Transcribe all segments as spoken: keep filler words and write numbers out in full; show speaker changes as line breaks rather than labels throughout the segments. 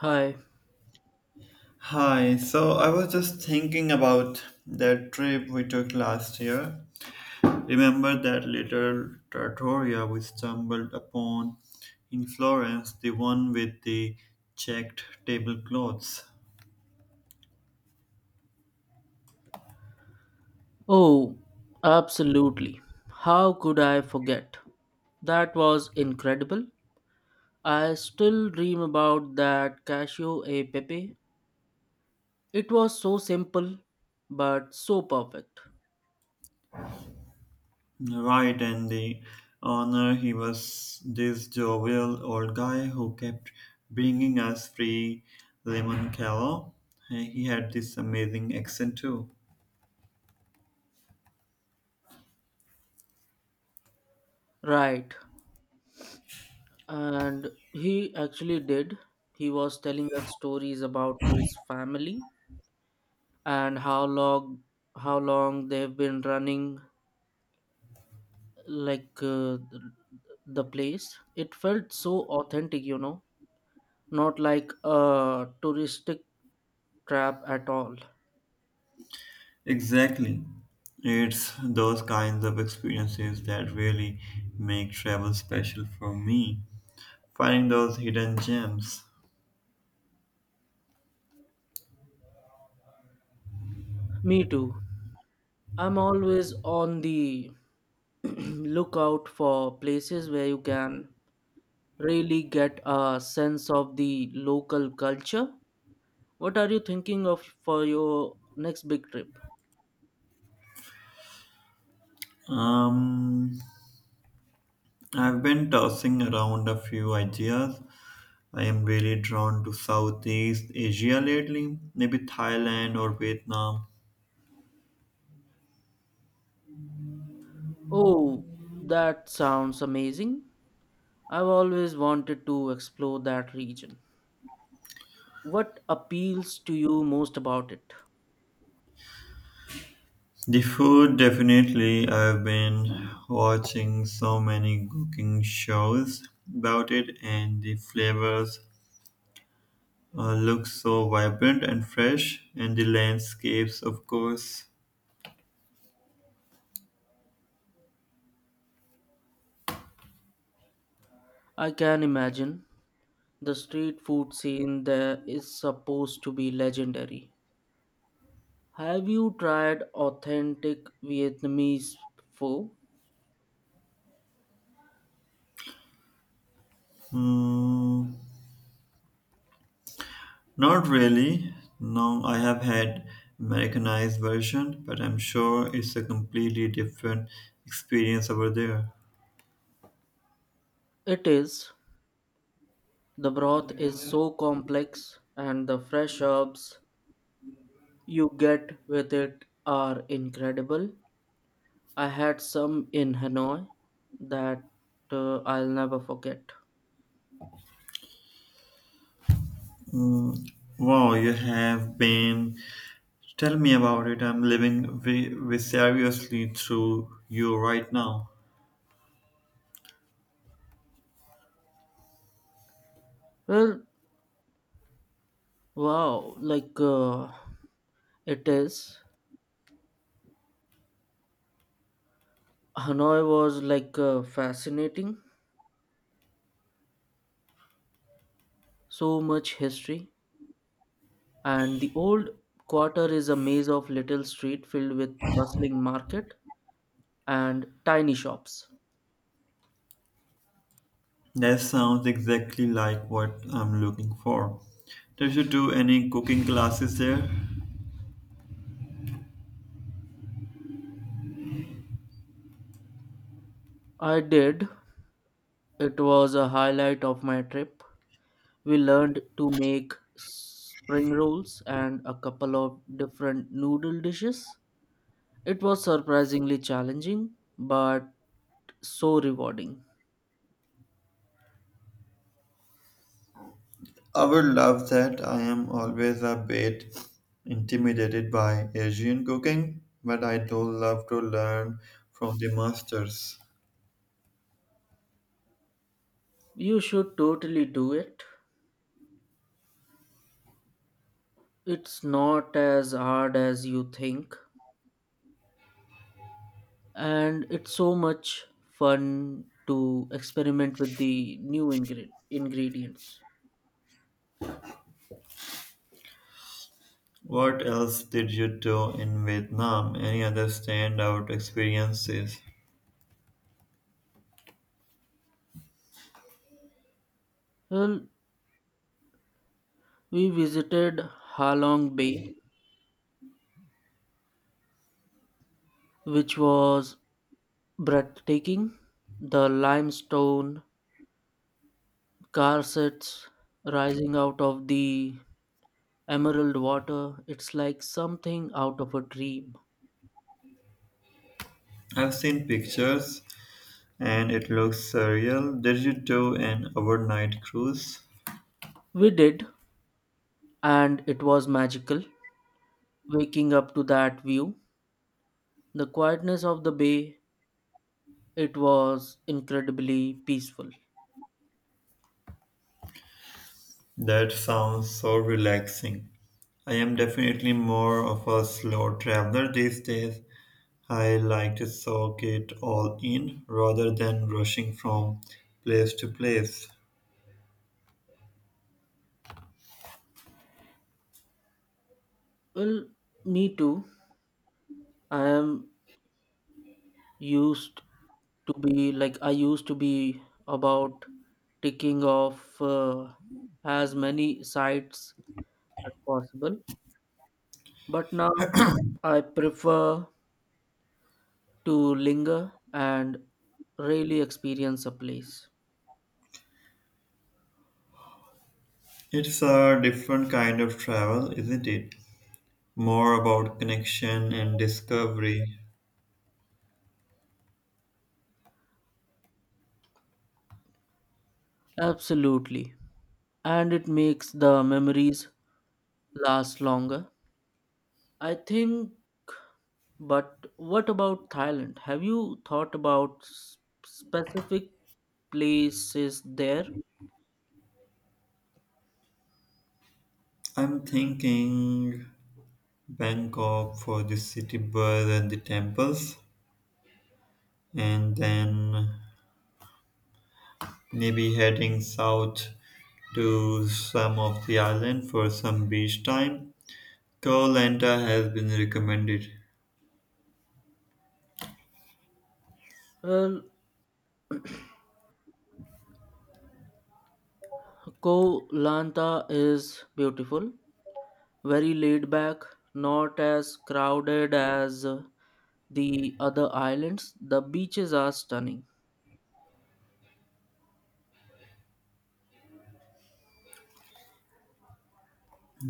Hi.
Hi, so I was just thinking about that trip we took last year. Remember that little trattoria we stumbled upon in Florence, the one with the checked tablecloths?
Oh, absolutely. How could I forget? That was incredible. I still dream about that cashew a pepe. It was so simple, but so perfect.
Right, and the owner, he was this jovial old guy who kept bringing us free lemon callo. He had this amazing accent too.
Right. And he actually did. He was telling us stories about his family and how long how long they've been running like uh, the place. It felt so authentic, you know. Not like a touristic trap at all.
Exactly. It's those kinds of experiences that really make travel special for me. Finding those hidden gems.
Me too. I'm always on the lookout for places where you can really get a sense of the local culture. What are you thinking of for your next big trip?
Um, I've been tossing around a few ideas. I am really drawn to Southeast Asia lately, maybe Thailand or Vietnam.
Oh, that sounds amazing. I've always wanted to explore that region. What appeals to you most about it?
The food, definitely. I've been watching so many cooking shows about it, and the flavors uh, look so vibrant and fresh, and the landscapes, of course.
I can imagine. The street food scene there is supposed to be legendary. Have you tried authentic Vietnamese pho?
Hmm, not really. No, I have had Americanized version, but I'm sure it's a completely different experience over there.
It is. The broth is so complex and the fresh herbs you get with it are incredible. I had some in Hanoi that uh, I'll never forget.
Hmm, wow, you have been. Tell me about it. I'm living vi- vicariously through you right now.
Well, wow, like uh, it is. Hanoi was like uh, fascinating. So much history and the old quarter is a maze of little street filled with bustling market and tiny shops.
That sounds exactly like what I'm looking for. Did you do any cooking classes there?
I did. It was a highlight of my trip. We learned to make spring rolls and a couple of different noodle dishes. It was surprisingly challenging, but so rewarding.
I would love that. I am always a bit intimidated by Asian cooking, but I do love to learn from the masters.
You should totally do it. It's not as hard as you think. And it's so much fun to experiment with the new ingre- ingredients.
What else did you do in Vietnam? Any other standout experiences?
Well, we visited Halong Bay, which was breathtaking. The limestone corsets rising out of the emerald water, it's like something out of a dream.
I've seen pictures and it looks surreal. Did you do an overnight cruise?
We did, and it was magical. Waking up to that view, the quietness of the bay, it was incredibly peaceful.
That sounds so relaxing. I am definitely more of a slow traveler these days. I like to soak it all in rather than rushing from place to place.
Well, me too. I am used to be like I used to be about ticking off uh, as many sites as possible, but now I prefer to linger and really experience a place.
It's a different kind of travel, isn't it? More about connection and discovery.
Absolutely. And it makes the memories last longer. I think But what about Thailand? Have you thought about s- specific places there?
I'm thinking Bangkok for the city bus and the temples, and then maybe heading south to some of the island for some beach time. Koh Lanta has been recommended.
Well, Koh Lanta is beautiful, very laid back, not as crowded as uh, the other islands. The beaches are stunning.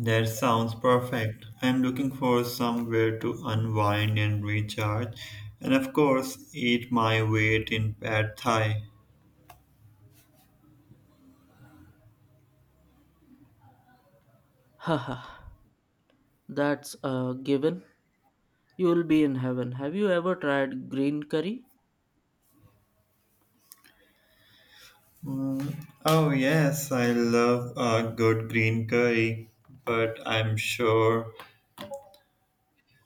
That sounds perfect. I'm looking for somewhere to unwind and recharge, and of course, eat my weight in pad thai.
Haha, that's a given. You'll be in heaven. Have you ever tried green curry?
Mm, oh yes, I love a good green curry, but I'm sure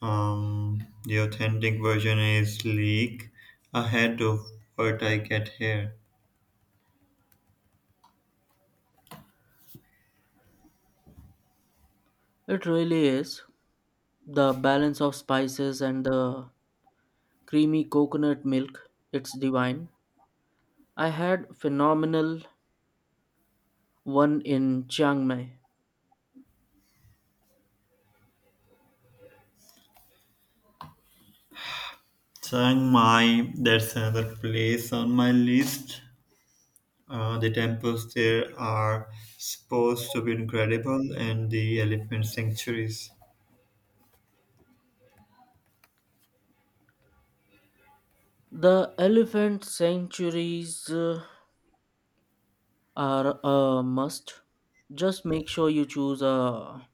um, the authentic version is league ahead of what I get here.
It really is. The balance of spices and the creamy coconut milk, it's divine. I had phenomenal one in Chiang Mai.
Chiang Mai, that's another place on my list. Uh, the temples there are supposed to be incredible, and the elephant sanctuaries.
The elephant sanctuaries uh, are a must. Just make sure you choose a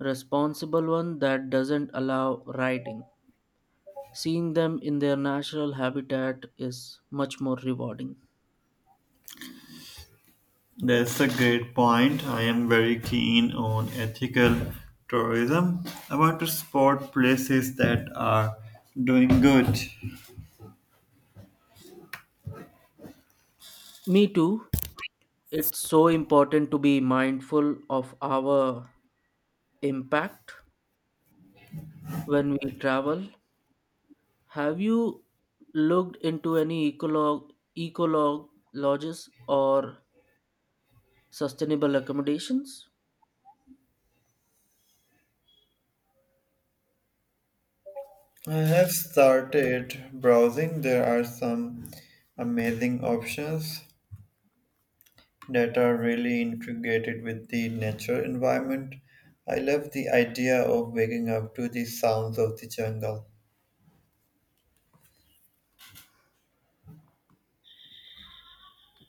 responsible one that doesn't allow riding. Seeing them in their natural habitat is much more rewarding.
That's a great point. I am very keen on ethical tourism. I want to spot places that are doing good.
Me too. It's so important to be mindful of our impact when we travel. Have you looked into any ecolog ecolog lodges or sustainable accommodations?
I have started browsing. There are some amazing options. that are really integrated with the natural environment. I love the idea of waking up to the sounds of the jungle.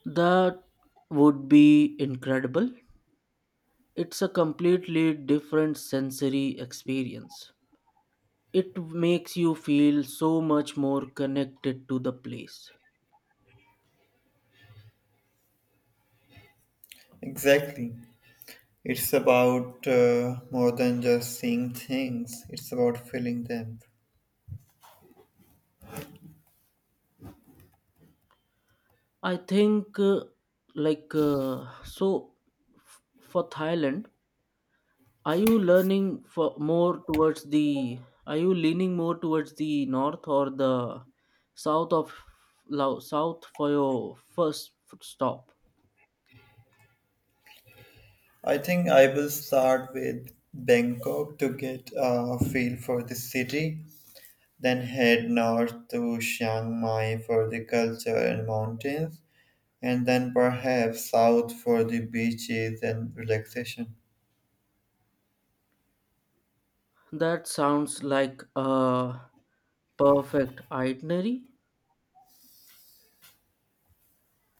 That would be incredible. It's a completely different sensory experience. It makes you feel so much more connected to the place.
Exactly. It's about uh, more than just seeing things, it's about feeling them.
I think uh, like uh, so f- for Thailand Are you learning for more towards the? are you leaning more towards the north or the south of Lao- south for your first stop?
I think I will start with Bangkok to get a feel for the city, then head north to Chiang Mai for the culture and mountains, and then perhaps south for the beaches and relaxation.
That sounds like a perfect itinerary.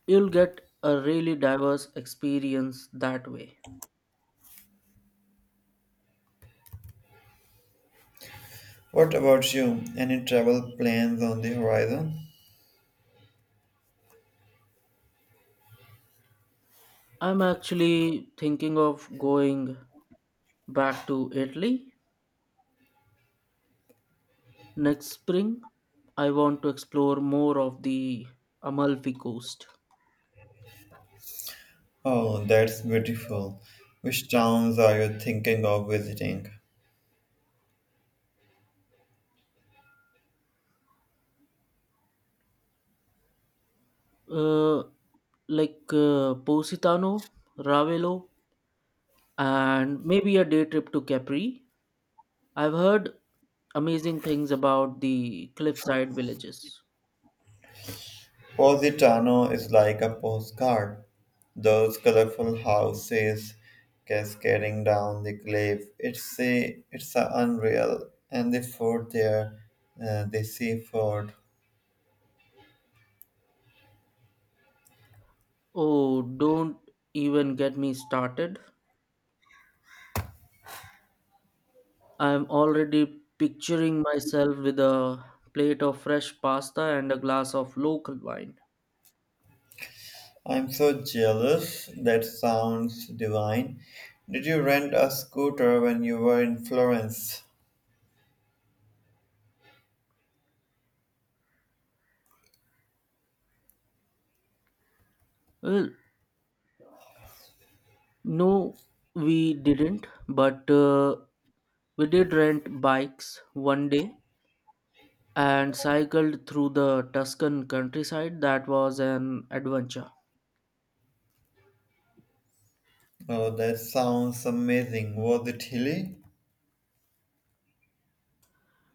You'll get a really diverse experience that way.
What about you? Any travel plans on the horizon?
I'm actually thinking of going back to Italy next spring. I want to explore more of the Amalfi Coast.
Oh, that's beautiful. Which towns are you thinking of visiting?
Uh, like uh, Positano, Ravelo, and maybe a day trip to Capri. I've heard amazing things about the cliffside villages.
Positano is like a postcard. Those colorful houses cascading down the cliff. It's a, it's a unreal. And the fort there, uh, the seaford.
Oh, don't even get me started. I'm already picturing myself with a plate of fresh pasta and a glass of local wine.
I'm so jealous. That sounds divine. Did you rent a scooter when you were in Florence?
Well, no, we didn't, but uh, we did rent bikes one day and cycled through the Tuscan countryside. That was an adventure.
Oh, that sounds amazing. Was it hilly?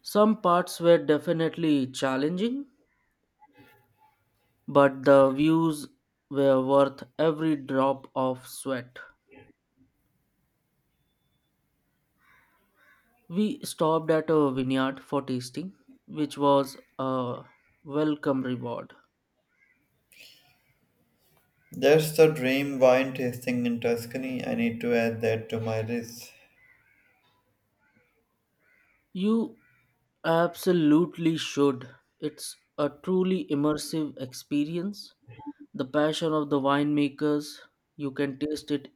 Some parts were definitely challenging, but the views were worth every drop of sweat. We stopped at a vineyard for tasting, which was a welcome reward.
That's the dream wine tasting in Tuscany. I need to add that to my list.
You absolutely should. It's a truly immersive experience. The passion of the winemakers, you can taste it